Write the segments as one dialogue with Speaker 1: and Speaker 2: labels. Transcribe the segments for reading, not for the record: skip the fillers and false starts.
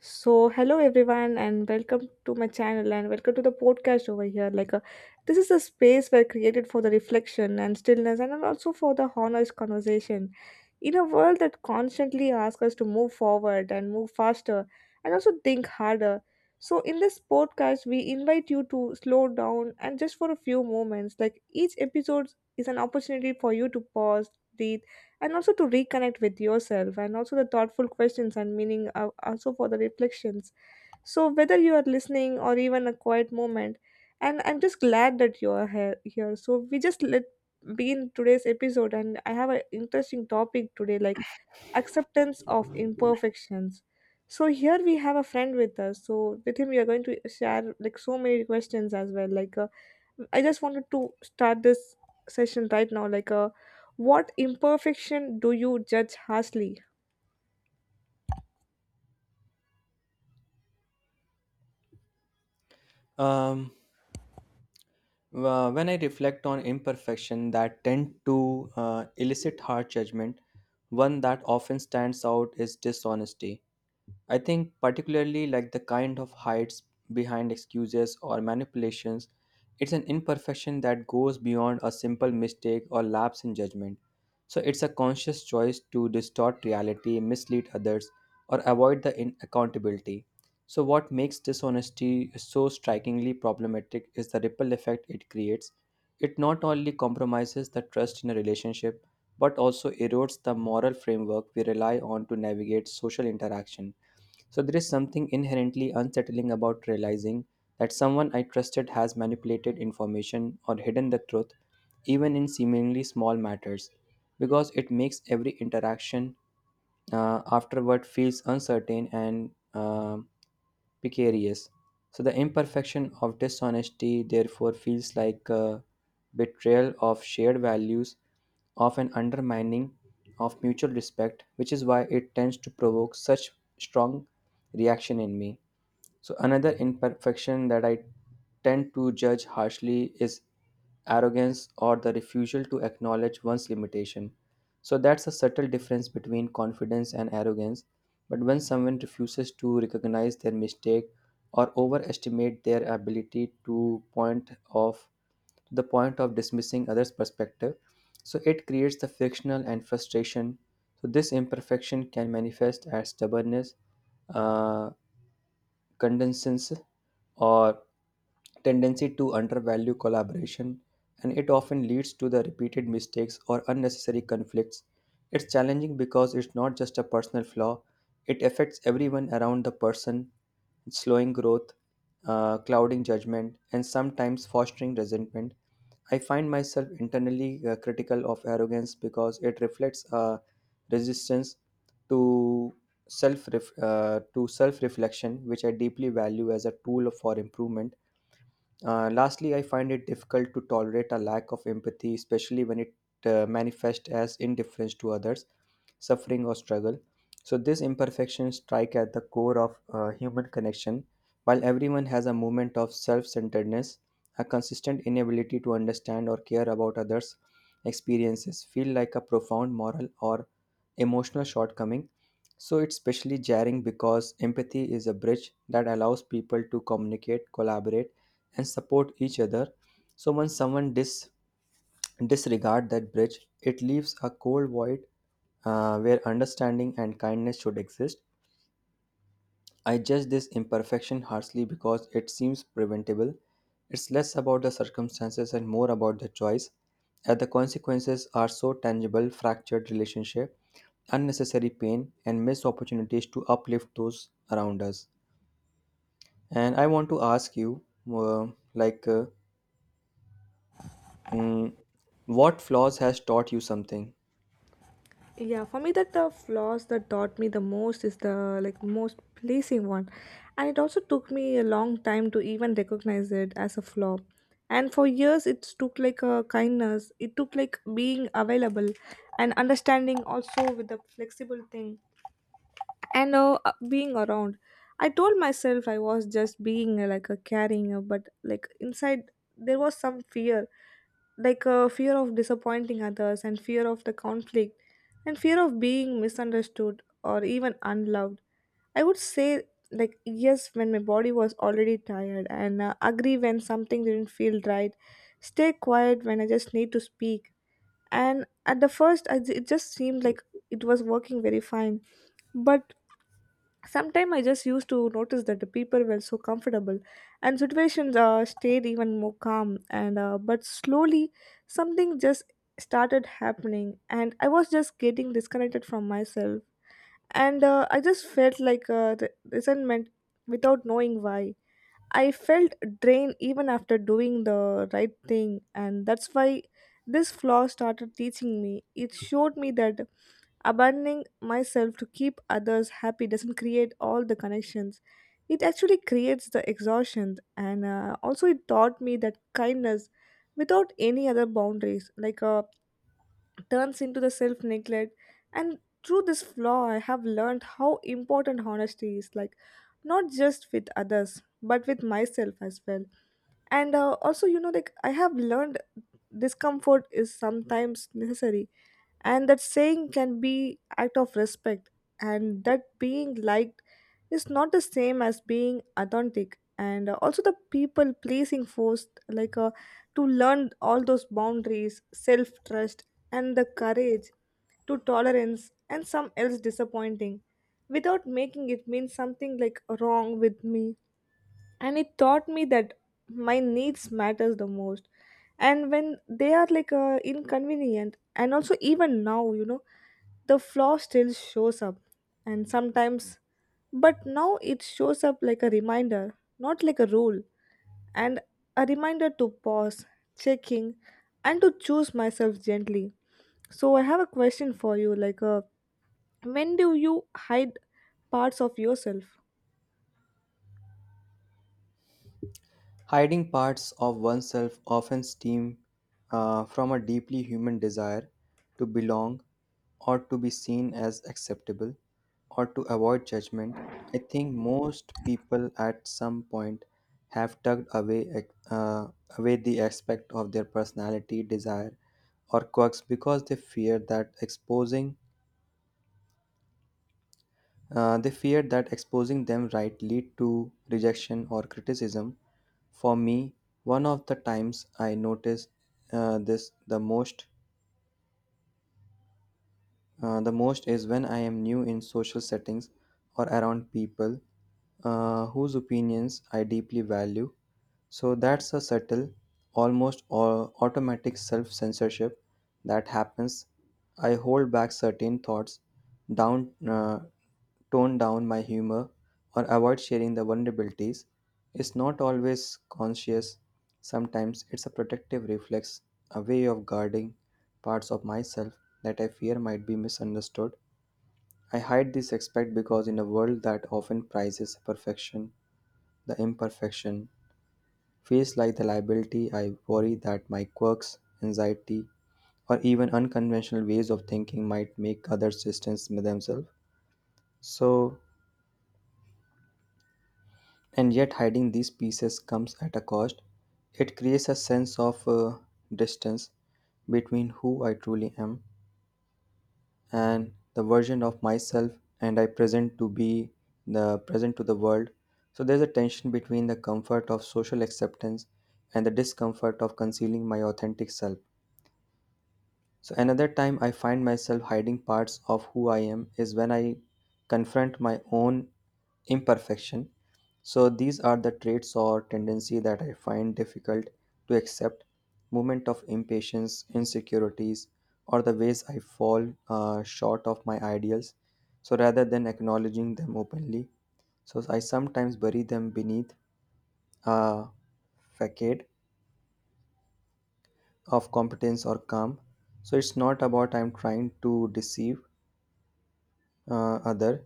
Speaker 1: So, hello everyone, and welcome to my channel, and welcome to the podcast over here. This is a space where created for the reflection and stillness, and also for the honest conversation. In a world that constantly asks us to move forward and move faster, and also think harder. So, in this podcast, we invite you to slow down and just for a few moments. Like, each episode is an opportunity for you to pause, breathe and also to reconnect with yourself and also the thoughtful questions and meaning also for the reflections, so whether you are listening or even a quiet moment, and I'm just glad that you are here. So we just let begin today's episode, and I have an interesting topic today, like acceptance of imperfections. So here we have a friend with us. So with him we are going to share like so many questions as well. I just wanted to start this session right now. What imperfection do you judge harshly?
Speaker 2: Um, when I reflect on imperfection that tend to elicit hard judgment, one that often stands out is dishonesty. I think particularly like the kind of hides behind excuses or manipulations. It's an imperfection that goes beyond a simple mistake or lapse in judgment. So it's a conscious choice to distort reality, mislead others, or avoid accountability. So what makes dishonesty so strikingly problematic is the ripple effect it creates. It not only compromises the trust in a relationship, but also erodes the moral framework we rely on to navigate social interaction. So there is something inherently unsettling about realizing that someone I trusted has manipulated information or hidden the truth, even in seemingly small matters, because it makes every interaction afterward feels uncertain and um precarious. So the imperfection of dishonesty therefore feels like a betrayal of shared values, of an undermining of mutual respect, which is why it tends to provoke such strong reaction in me. So, another imperfection that I tend to judge harshly is arrogance or the refusal to acknowledge one's limitation. So, that's a subtle difference between confidence and arrogance. But when someone refuses to recognize their mistake or overestimate their ability to point of to the point of dismissing others' perspective, so it creates the frictional and frustration. So this imperfection can manifest as stubbornness, uh, condescends or tendency to undervalue collaboration, and it often leads to the repeated mistakes or unnecessary conflicts. It's challenging because it's not just a personal flaw, it affects everyone around the person, slowing growth, clouding judgment, and sometimes fostering resentment. I find myself internally critical of arrogance because it reflects a resistance to self to self reflection, which I deeply value as a tool for improvement. Lastly, I find it difficult to tolerate a lack of empathy, especially when it manifests as indifference to others, suffering, or struggle. So, these imperfections strike at the core of human connection. While everyone has a moment of self centeredness, a consistent inability to understand or care about others' experiences feel like a profound moral or emotional shortcoming. So, it's especially jarring because empathy is a bridge that allows people to communicate, collaborate, and support each other. So once someone disregard that bridge, it leaves a cold void where understanding and kindness should exist. I judge this imperfection harshly because it seems preventable. It's less about the circumstances and more about the choice. As the consequences are so tangible, fractured relationship, unnecessary pain, and missed opportunities to uplift those around us. And I want to ask you, uh, like, uh, Mm, what flaws has taught you something?
Speaker 1: Yeah, for me, that the flaws that taught me the most is the like most pleasing one, and it also took me a long time to even recognize it as a flaw. And for years, it took like a kindness. It took like being available, and understanding also with the flexible thing, and being around. I told myself I was just being like a caring, but like inside there was some fear, fear of disappointing others and fear of the conflict and fear of being misunderstood or even unloved. I would say, like, yes, when my body was already tired, and agree when something didn't feel right, stay quiet when I just need to speak. And at the first, it just seemed like it was working very fine. But sometimes I just used to notice that the people were so comfortable, and situations stayed even more calm. And but slowly, something just started happening, and I was just getting disconnected from myself and I just felt like resentment without knowing why. I felt drained even after doing the right thing, and that's why this flaw started teaching me. It showed me that abandoning myself to keep others happy doesn't create all the connections. It actually creates the exhaustion, and also it taught me that kindness without any other boundaries turns into the self neglect. And through this flaw I have learned how important honesty is, like not just with others but with myself as well. And also, you know, like I have learned discomfort is sometimes necessary, and that saying can be act of respect, and that being liked is not the same as being authentic. And also the people pleasing forced to learn all those boundaries, self trust, and the courage to tolerance and some else disappointing without making it mean something like wrong with me. And it taught me that my needs matters the most, and when they are inconvenient. And also even now, you know, the flaw still shows up and sometimes, but now it shows up like a reminder, not like a rule. And a reminder to pause, checking, and to choose myself gently. So I have a question for you, when do you hide parts of yourself?
Speaker 2: Hiding parts of oneself often stem from a deeply human desire to belong or to be seen as acceptable or to avoid judgment. I think most people at some point have tugged away uh, away the aspect of their personality, desire, or quirks because they fear that exposing they feared that exposing them right lead to rejection or criticism. For me, one of the times I noticed this the most is when I am new in social settings or around people whose opinions I deeply value. So that's a subtle, almost automatic self censorship that happens. I hold back certain thoughts, down, uh, tone down my humor, or avoid sharing the vulnerabilities. It's not always conscious, sometimes it's a protective reflex, a way of guarding parts of myself that I fear might be misunderstood. I hide this aspect because, in a world that often prizes perfection, the imperfection feels like the liability. I worry that my quirks, anxiety, or even unconventional ways of thinking might make others distance themselves. So, and yet, hiding these pieces comes at a cost. It creates a sense of distance between who I truly am and the version of myself and I present to be the present to the world. So there's a tension between the comfort of social acceptance and the discomfort of concealing my authentic self. So, another time I find myself hiding parts of who I am is when I confront my own imperfection. So, these are the traits or tendency that I find difficult to accept moment of impatience, insecurities, or the ways I fall short of my ideals. So, rather than acknowledging them openly, so I sometimes bury them beneath a facade of competence or calm. So, it's not about I'm trying to deceive other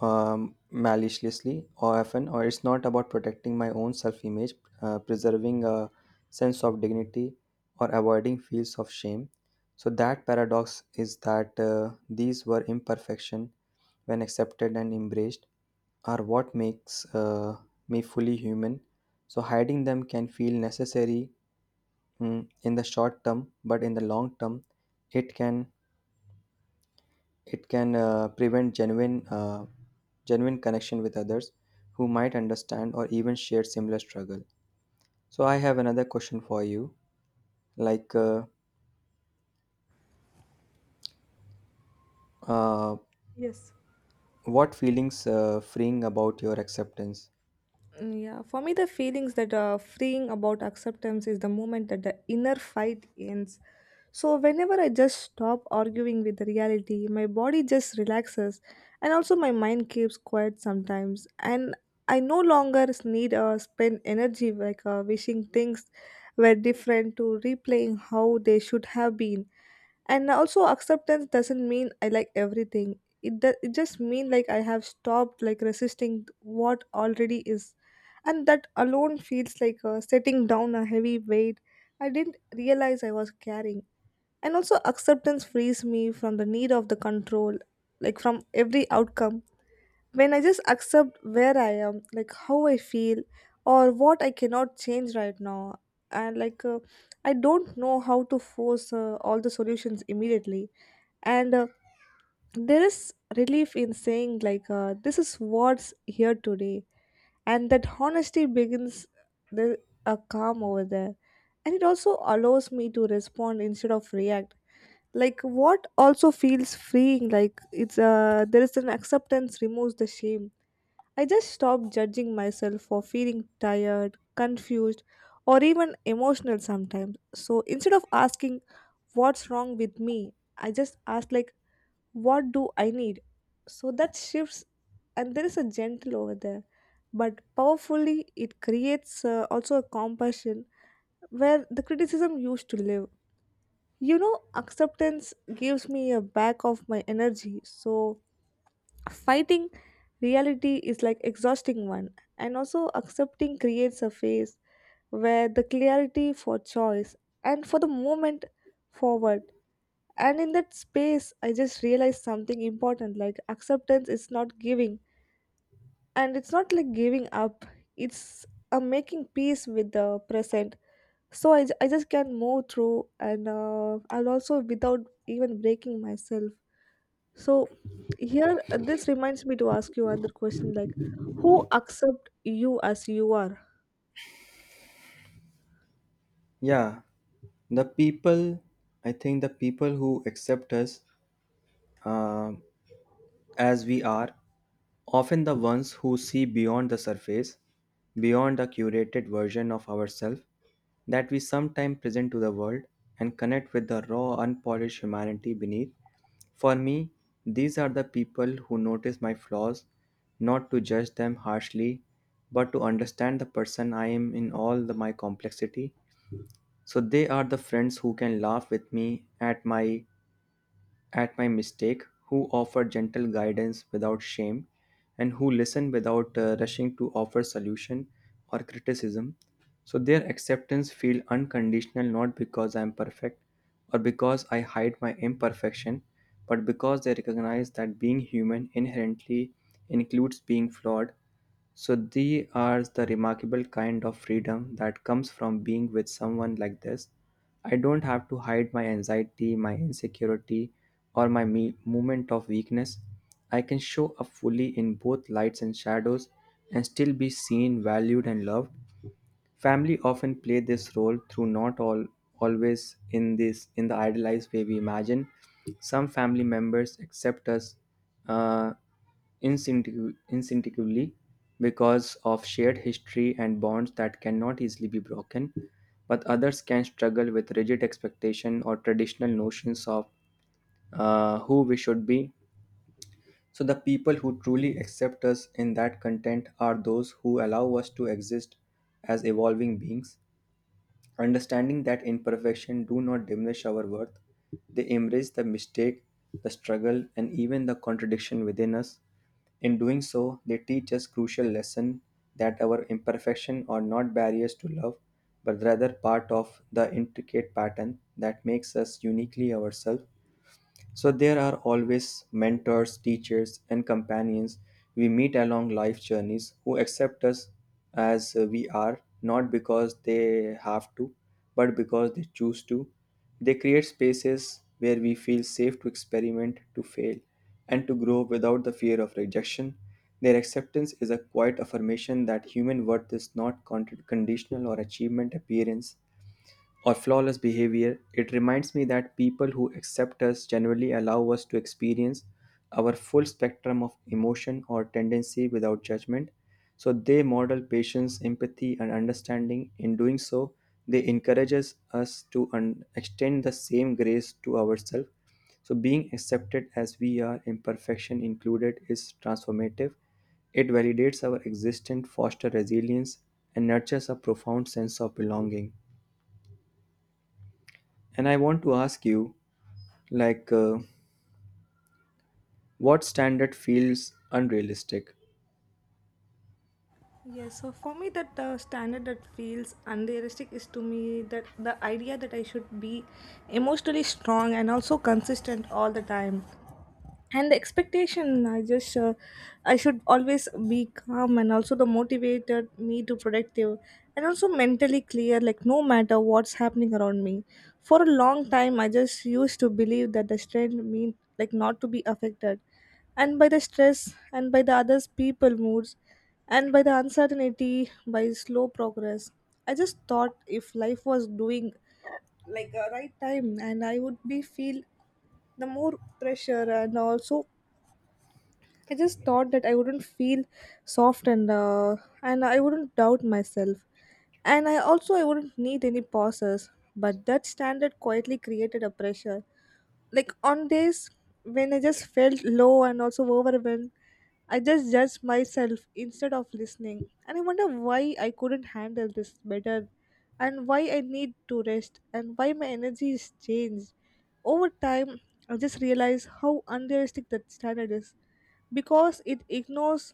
Speaker 2: maliciously or often, or it's not about protecting my own self-image, preserving a sense of dignity or avoiding feels of shame. So that paradox is that these were imperfection, when accepted and embraced, are what makes me fully human. So hiding them can feel necessary, in the short term, but in the long term it can it can prevent genuine connection with others who might understand or even share similar struggle. So I have another question for you, like, uh,
Speaker 1: Yes.
Speaker 2: what feelings freeing about your acceptance?
Speaker 1: Mm, yeah, for me, the feelings that are freeing about acceptance is the moment that the inner fight ends. So, whenever I just stop arguing with the reality, my body just relaxes, and also my mind keeps quiet sometimes. And I no longer need spend energy wishing things were different to replaying how they should have been. And also acceptance doesn't mean I like everything, it just mean like I have stopped like resisting what already is, and that alone feels like setting down a heavy weight I didn't realize I was carrying. And also acceptance frees me from the need of the control, like from every outcome. When I just accept where I am, like how I feel or what I cannot change right now, and I don't know how to force all the solutions immediately. And there is relief in saying, this is what's here today, and that honesty begins the a calm over there. And it also allows me to respond instead of react. Like what also feels freeing, like it's there is an acceptance removes the shame. I just stop judging myself for feeling tired, confused, or even emotional sometimes. So instead of asking what's wrong with me, I just ask like, what do I need? So that shifts, and there is a gentle over there, but powerfully it creates also a compassion where the criticism used to live. You know, acceptance gives me a back of my energy, so fighting reality is like exhausting one, and also accepting creates a phase where the clarity for choice and for the moment forward. And in that space, I just realized something important, like acceptance is not giving, and it's not like giving up, it's a making peace with the present. So I just can move through, and also without even breaking myself. So here, this reminds me to ask you another question, like, who accept you as you are?
Speaker 2: Yeah, the people. I think the people who accept us, um as we are, often the ones who see beyond the surface, beyond the curated version of ourselves that we sometimes present to the world and connect with the raw, unpolished humanity beneath. For me, these are the people who notice my flaws, not to judge them harshly, but to understand the person I am in all the, my complexity. So they are the friends who can laugh with me at my mistake, who offer gentle guidance without shame, and who listen without rushing to offer solution or criticism. So their acceptance feel unconditional, not because I am perfect or because I hide my imperfection, but because they recognize that being human inherently includes being flawed. So they are the remarkable kind of freedom that comes from being with someone like this. I don't have to hide my anxiety, my insecurity, or moment of weakness. I can show up fully in both lights and shadows and still be seen, valued, and loved. Family often play this role through not all always in this in the idealized way we imagine. Some family members accept us uh, instinctively because of shared history and bonds that cannot easily be broken, but others can struggle with rigid expectation or traditional notions of who we should be. So the people who truly accept us in that content are those who allow us to exist as evolving beings. Understanding that imperfection do not diminish our worth, they embrace the mistake, the struggle, and even the contradiction within us. In doing so, they teach us crucial lesson that our imperfection are not barriers to love, but rather part of the intricate pattern that makes us uniquely ourselves. So there are always mentors, teachers, and companions we meet along life journeys who accept us as we are, not because they have to, but because they choose to. They create spaces where we feel safe to experiment, to fail, and to grow without the fear of rejection. Their acceptance is a quiet affirmation that human worth is not conditional or achievement appearance or flawless behavior. It reminds me that people who accept us generally allow us to experience our full spectrum of emotion or tendency without judgment. So they model patience, empathy, and understanding. In doing so, they encourage us to extend the same grace to ourselves. So being accepted as we are, imperfection included, is transformative. It validates our existence, fosters resilience, and nurtures a profound sense of belonging. And I want to ask you, like, what standard feels unrealistic?
Speaker 1: Yes, so for me, that standard that feels unrealistic is to me that the idea that I should be emotionally strong and also consistent all the time. And the expectation, I should always be calm and also the motivated me to productive and also mentally clear, like no matter what's happening around me. For a long time I just used to believe that the strength mean like not to be affected, and by the stress and by the others people moods and by the uncertainty, by slow progress. I just thought if life was doing like a right time, and I would be feel the more pressure. And also I just thought that I wouldn't feel soft, and I wouldn't doubt myself, and I also I wouldn't need any pauses. But that standard quietly created a pressure, like on days when I just felt low and also overwhelmed, I just judged myself instead of listening. And I wonder why I couldn't handle this better and why I need to rest and why my energy is changed. Over time, I just realized how unrealistic that standard is because it ignores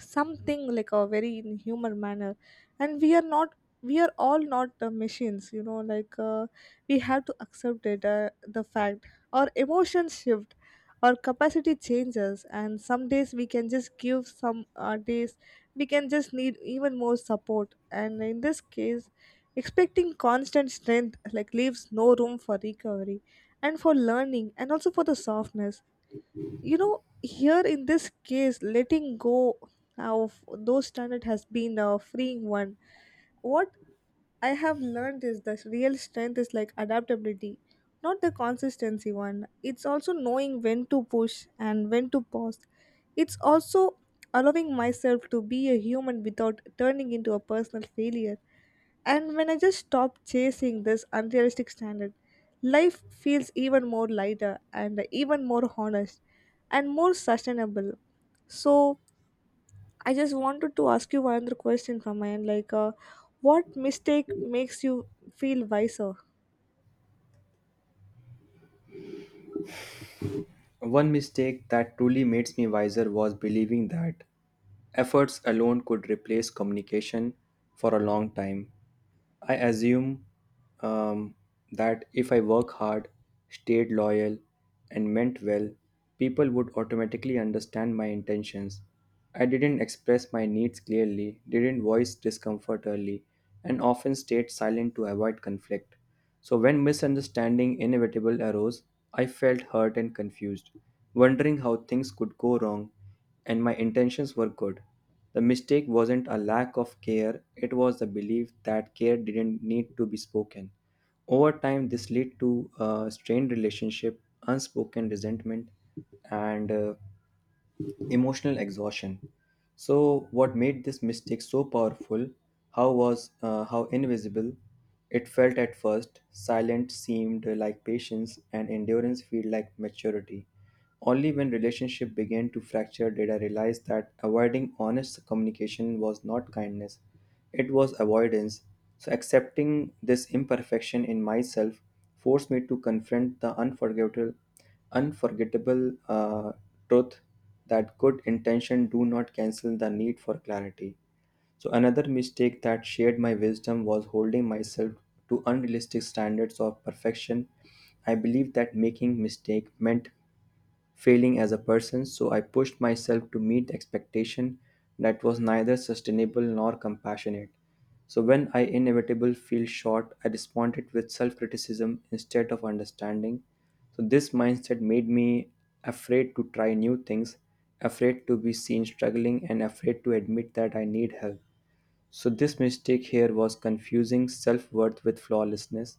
Speaker 1: something like a very in humor manner. And we are not, we are all not machines, you know, we have to accept it the fact our emotions shift, our capacity changes, and some days we can just give, some days we can just need even more support. And in this case, expecting constant strength like leaves no room for recovery and for learning and also for the softness. You know, here in this case, letting go of those standards has been a freeing one. What I have learned is the real strength is like adaptability, not the consistency one. It's also knowing when to push and when to pause. It's also allowing myself to be a human without turning into a personal failure. And when I just stop chasing this unrealistic standard, life feels even more lighter and even more honest and more sustainable. So I just wanted to ask you one other question from my end, like, what mistake makes you feel wiser?
Speaker 2: One mistake that truly makes me wiser was believing that efforts alone could replace communication for a long time. I assume um, that if I work hard, stayed loyal, and meant well, people would automatically understand my intentions. I didn't express my needs clearly, didn't voice discomfort early, and often stayed silent to avoid conflict. So when misunderstanding inevitable arose, I felt hurt and confused, wondering how things could go wrong, and my intentions were good. The mistake wasn't a lack of care, it was the belief that care didn't need to be spoken. Over time, this led to a strained relationship, unspoken resentment, and emotional exhaustion. So, what made this mistake so powerful? How was how invisible it felt at first? Silent seemed like patience, and endurance feel like maturity. Only when relationship began to fracture did I realize that avoiding honest communication was not kindness; it was avoidance. So, accepting this imperfection in myself forced me to confront the unforgettable truth that good intention do not cancel the need for clarity. So, another mistake that shared my wisdom was holding myself to unrealistic standards of perfection. I believed that making mistake meant failing as a person, so I pushed myself to meet expectation that was neither sustainable nor compassionate. So when I inevitably feel short, I responded with self-criticism instead of understanding. So this mindset made me afraid to try new things, afraid to be seen struggling, and afraid to admit that I need help. So, this mistake here was confusing self worth with flawlessness.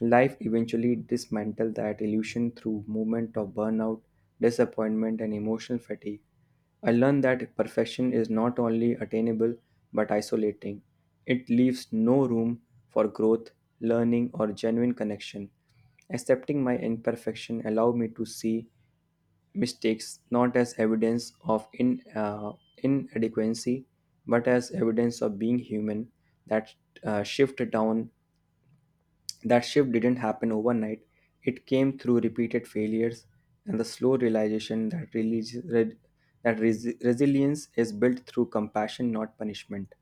Speaker 2: Life eventually dismantled that illusion through movement of burnout, disappointment, and emotional fatigue. I learned that perfection is not only attainable but isolating. It leaves no room for growth, learning, or genuine connection. Accepting my imperfection allowed me to see mistakes not as evidence of inadequacy but as evidence of being human. that uh, shift down that shift didn't happen overnight. It came through repeated failures and the slow realization that resilience is built through compassion not punishment.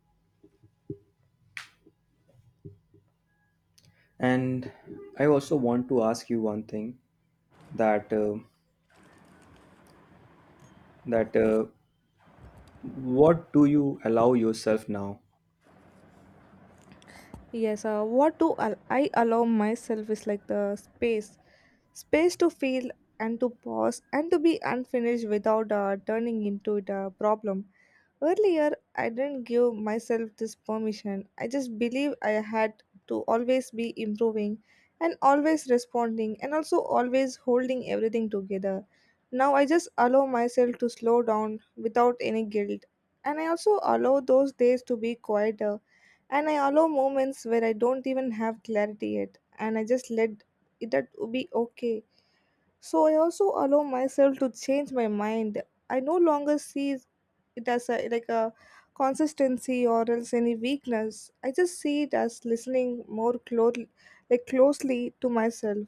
Speaker 2: And I also want to ask you one thing, that that what do you allow yourself now?
Speaker 1: Yes, I allow myself is like the space, space to feel and to pause and to be unfinished without turning into it a problem. Earlier, I didn't give myself this permission. I just believe I had to always be improving and always responding and also always holding everything together. Now I just allow myself to slow down without any guilt. And I also allow those days to be quieter, and I allow moments where I don't even have clarity yet, and I just let it that be okay. So I also allow myself to change my mind. I no longer see it as a like a consistency or else any weakness. I just see it as listening more closely, like closely to myself.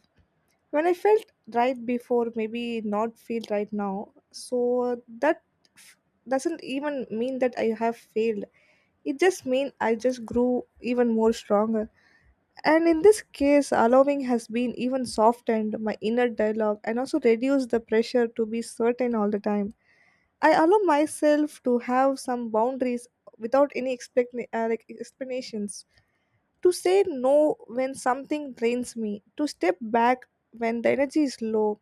Speaker 1: When I felt right before, maybe not feel right now. So that f- doesn't even mean that I have failed, it just mean I just grew even more stronger. And in this case, allowing has been even softened my inner dialogue and also reduced the pressure to be certain all the time. I allow myself to have some boundaries without any like explanations. To say no when something drains me, to step back when the energy is low.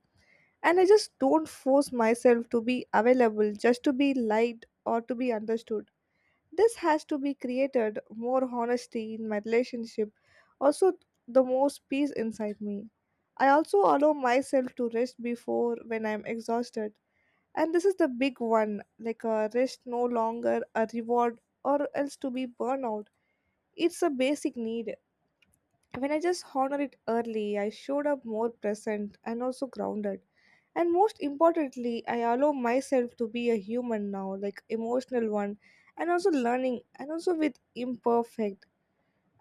Speaker 1: And I just don't force myself to be available just to be liked or to be understood. This has to be created more honesty in my relationship, also the most peace inside me. I also allow myself to rest before when I'm exhausted. And this is the big one, like a rest no longer a reward or else to be burnout. It's a basic need. When I just honor it early, I showed up more present and also grounded. And most importantly, I allow myself to be a human now, like emotional one, and also learning, and also with imperfect.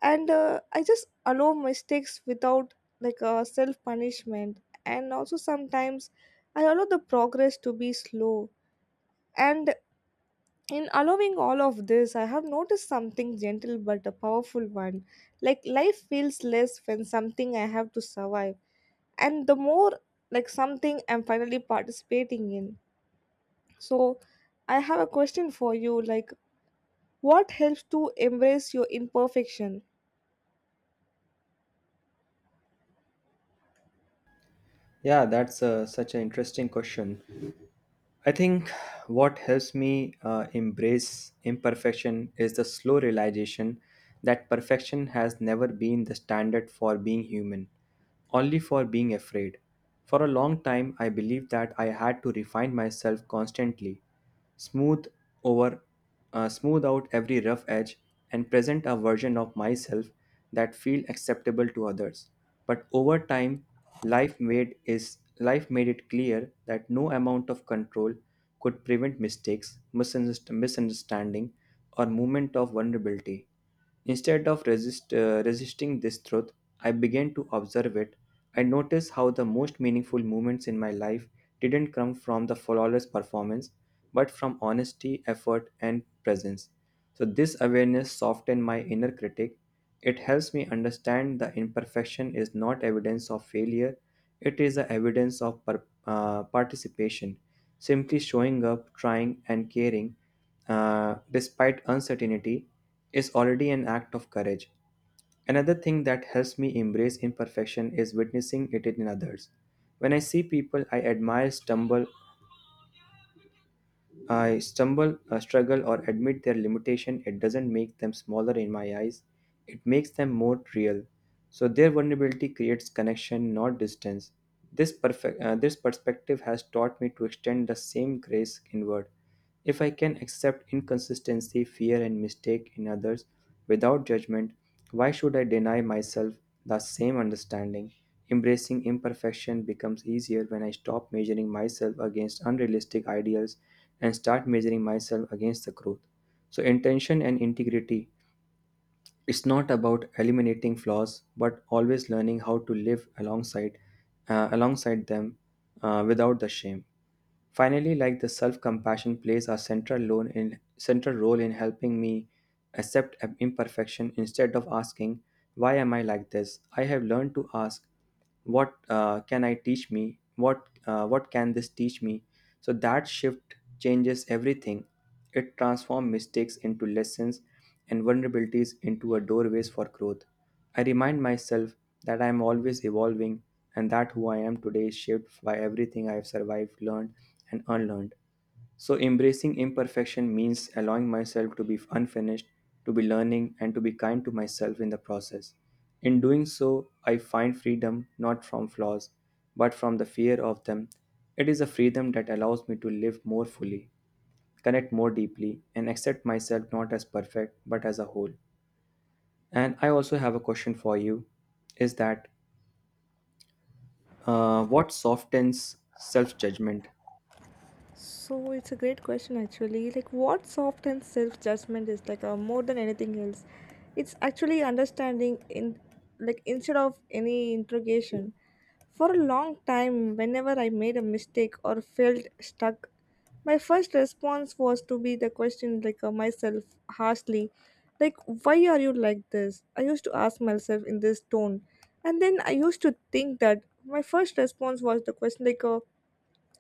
Speaker 1: And I just allow mistakes without like a self punishment. And also sometimes I allow the progress to be slow. And in allowing all of this, I have noticed something gentle but a powerful one. Like life feels less when something I have to survive, and the more like something I'm finally participating in. So, I have a question for you, like what helps to embrace your imperfection?
Speaker 2: Yeah, that's such an interesting question. I think what helps me embrace imperfection is the slow realization that perfection has never been the standard for being human, only for being afraid. For a long time, I believed that I had to refine myself constantly, smooth over smooth out every rough edge and present a version of myself that feel acceptable to others. But over time life made is life made it clear that no amount of control could prevent mistakes misunderstanding or moment of vulnerability. Instead of resisting this truth, I began to observe it. I noticed how the most meaningful moments in my life didn't come from the flawless performance, but from honesty, effort, and presence. So, this awareness softened my inner critic. It helps me understand the imperfection is not evidence of failure, it is the evidence of participation, simply showing up, trying, and caring despite uncertainty, is already an act of courage. Another thing that helps me embrace imperfection is witnessing it in others. When I see people I admire stumble, struggle, or admit their limitation, it doesn't make them smaller in my eyes. It makes them more real. So their vulnerability creates connection, not distance. This perspective has taught me to extend the same grace inward. If I can accept inconsistency, fear, and mistake in others without judgment, why should I deny myself the same understanding? Embracing imperfection becomes easier when I stop measuring myself against unrealistic ideals and start measuring myself against the truth. So, intention and integrity, it's not about eliminating flaws, but always learning how to live alongside them without the shame. Finally, like the self-compassion plays a central role in helping me accept imperfection. Instead of asking why am I like this, I have learned to ask what uh, can i teach me what can this teach me. So that shift changes everything. It transforms mistakes into lessons and vulnerabilities into a doorways for growth. I remind myself that I am always evolving, and that who I am today is shaped by everything I have survived, learned, and unlearned. So, embracing imperfection means allowing myself to be unfinished, to be learning, and to be kind to myself in the process. In doing so, I find freedom not from flaws, but from the fear of them. It is a freedom that allows me to live more fully, connect more deeply, and accept myself not as perfect, but as a whole. And I also have a question for you, is that what softens self judgment?
Speaker 1: So it's a great question actually. Like what soft and self judgment is like more than anything else. It's actually understanding in, like instead of any interrogation. For a long time, whenever I made a mistake or felt stuck, my first response was to be the question like myself harshly, like why are you like this? I used to ask myself in this tone, and then I used to think that my first response was the question like.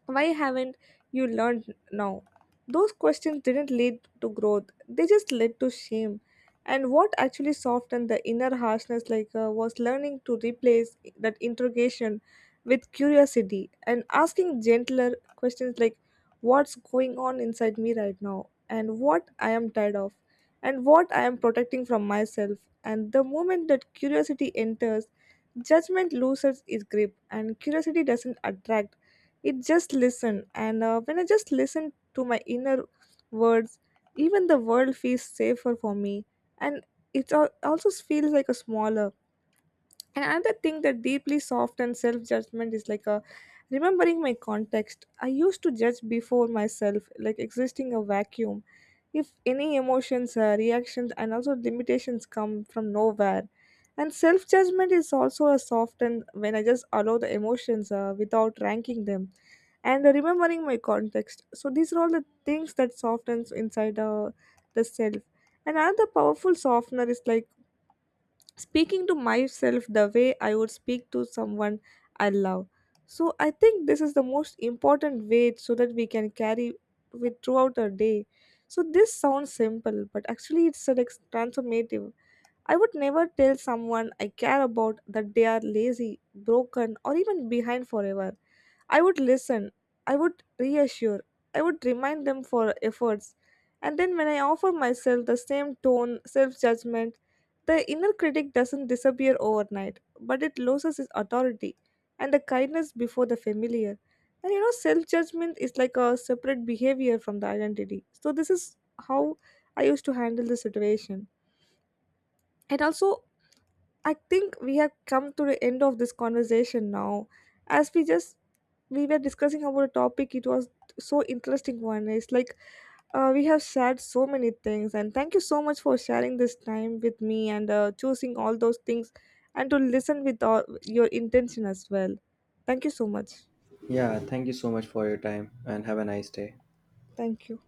Speaker 1: Why haven't you learned now? Those questions didn't lead to growth, they just led to shame. And what actually softened the inner harshness like was learning to replace that interrogation with curiosity and asking gentler questions like what's going on inside me right now, and what I am tired of, and what I am protecting from myself. And the moment that curiosity enters, judgment loses its grip and curiosity doesn't attract, it just listen. And when I just listen to my inner words, even the world feels safer for me. And also feels like a smaller. And another thing that deeply soft and self judgment is like a remembering my context. I used to judge before myself, like existing a vacuum. If any emotions, reactions, and also limitations come from nowhere. And self judgment is also a soft and when I just allow the emotions without ranking them. And remembering my context. So these are all the things that softens inside the self. And another powerful softener is like speaking to myself the way I would speak to someone I love. So I think this is the most important way so that we can carry with throughout our day. So this sounds simple, but actually it's so, like transformative. I would never tell someone I care about that they are lazy, broken, or even behind forever. I would listen, I would reassure, I would remind them for efforts. And then when I offer myself the same tone, self judgment, the inner critic doesn't disappear overnight, but it loses its authority and the kindness before the familiar. And you know, self judgment is like a separate behavior from the identity. So, this is how I used to handle the situation. And also, I think we have come to the end of this conversation now. As we were discussing about a topic, it was so interesting one. It's like we have shared so many things, and thank you so much for sharing this time with me and choosing all those things and to listen with all your intention as well. Thank you so much.
Speaker 2: Yeah, thank you so much for your time and have a nice day.
Speaker 1: Thank you.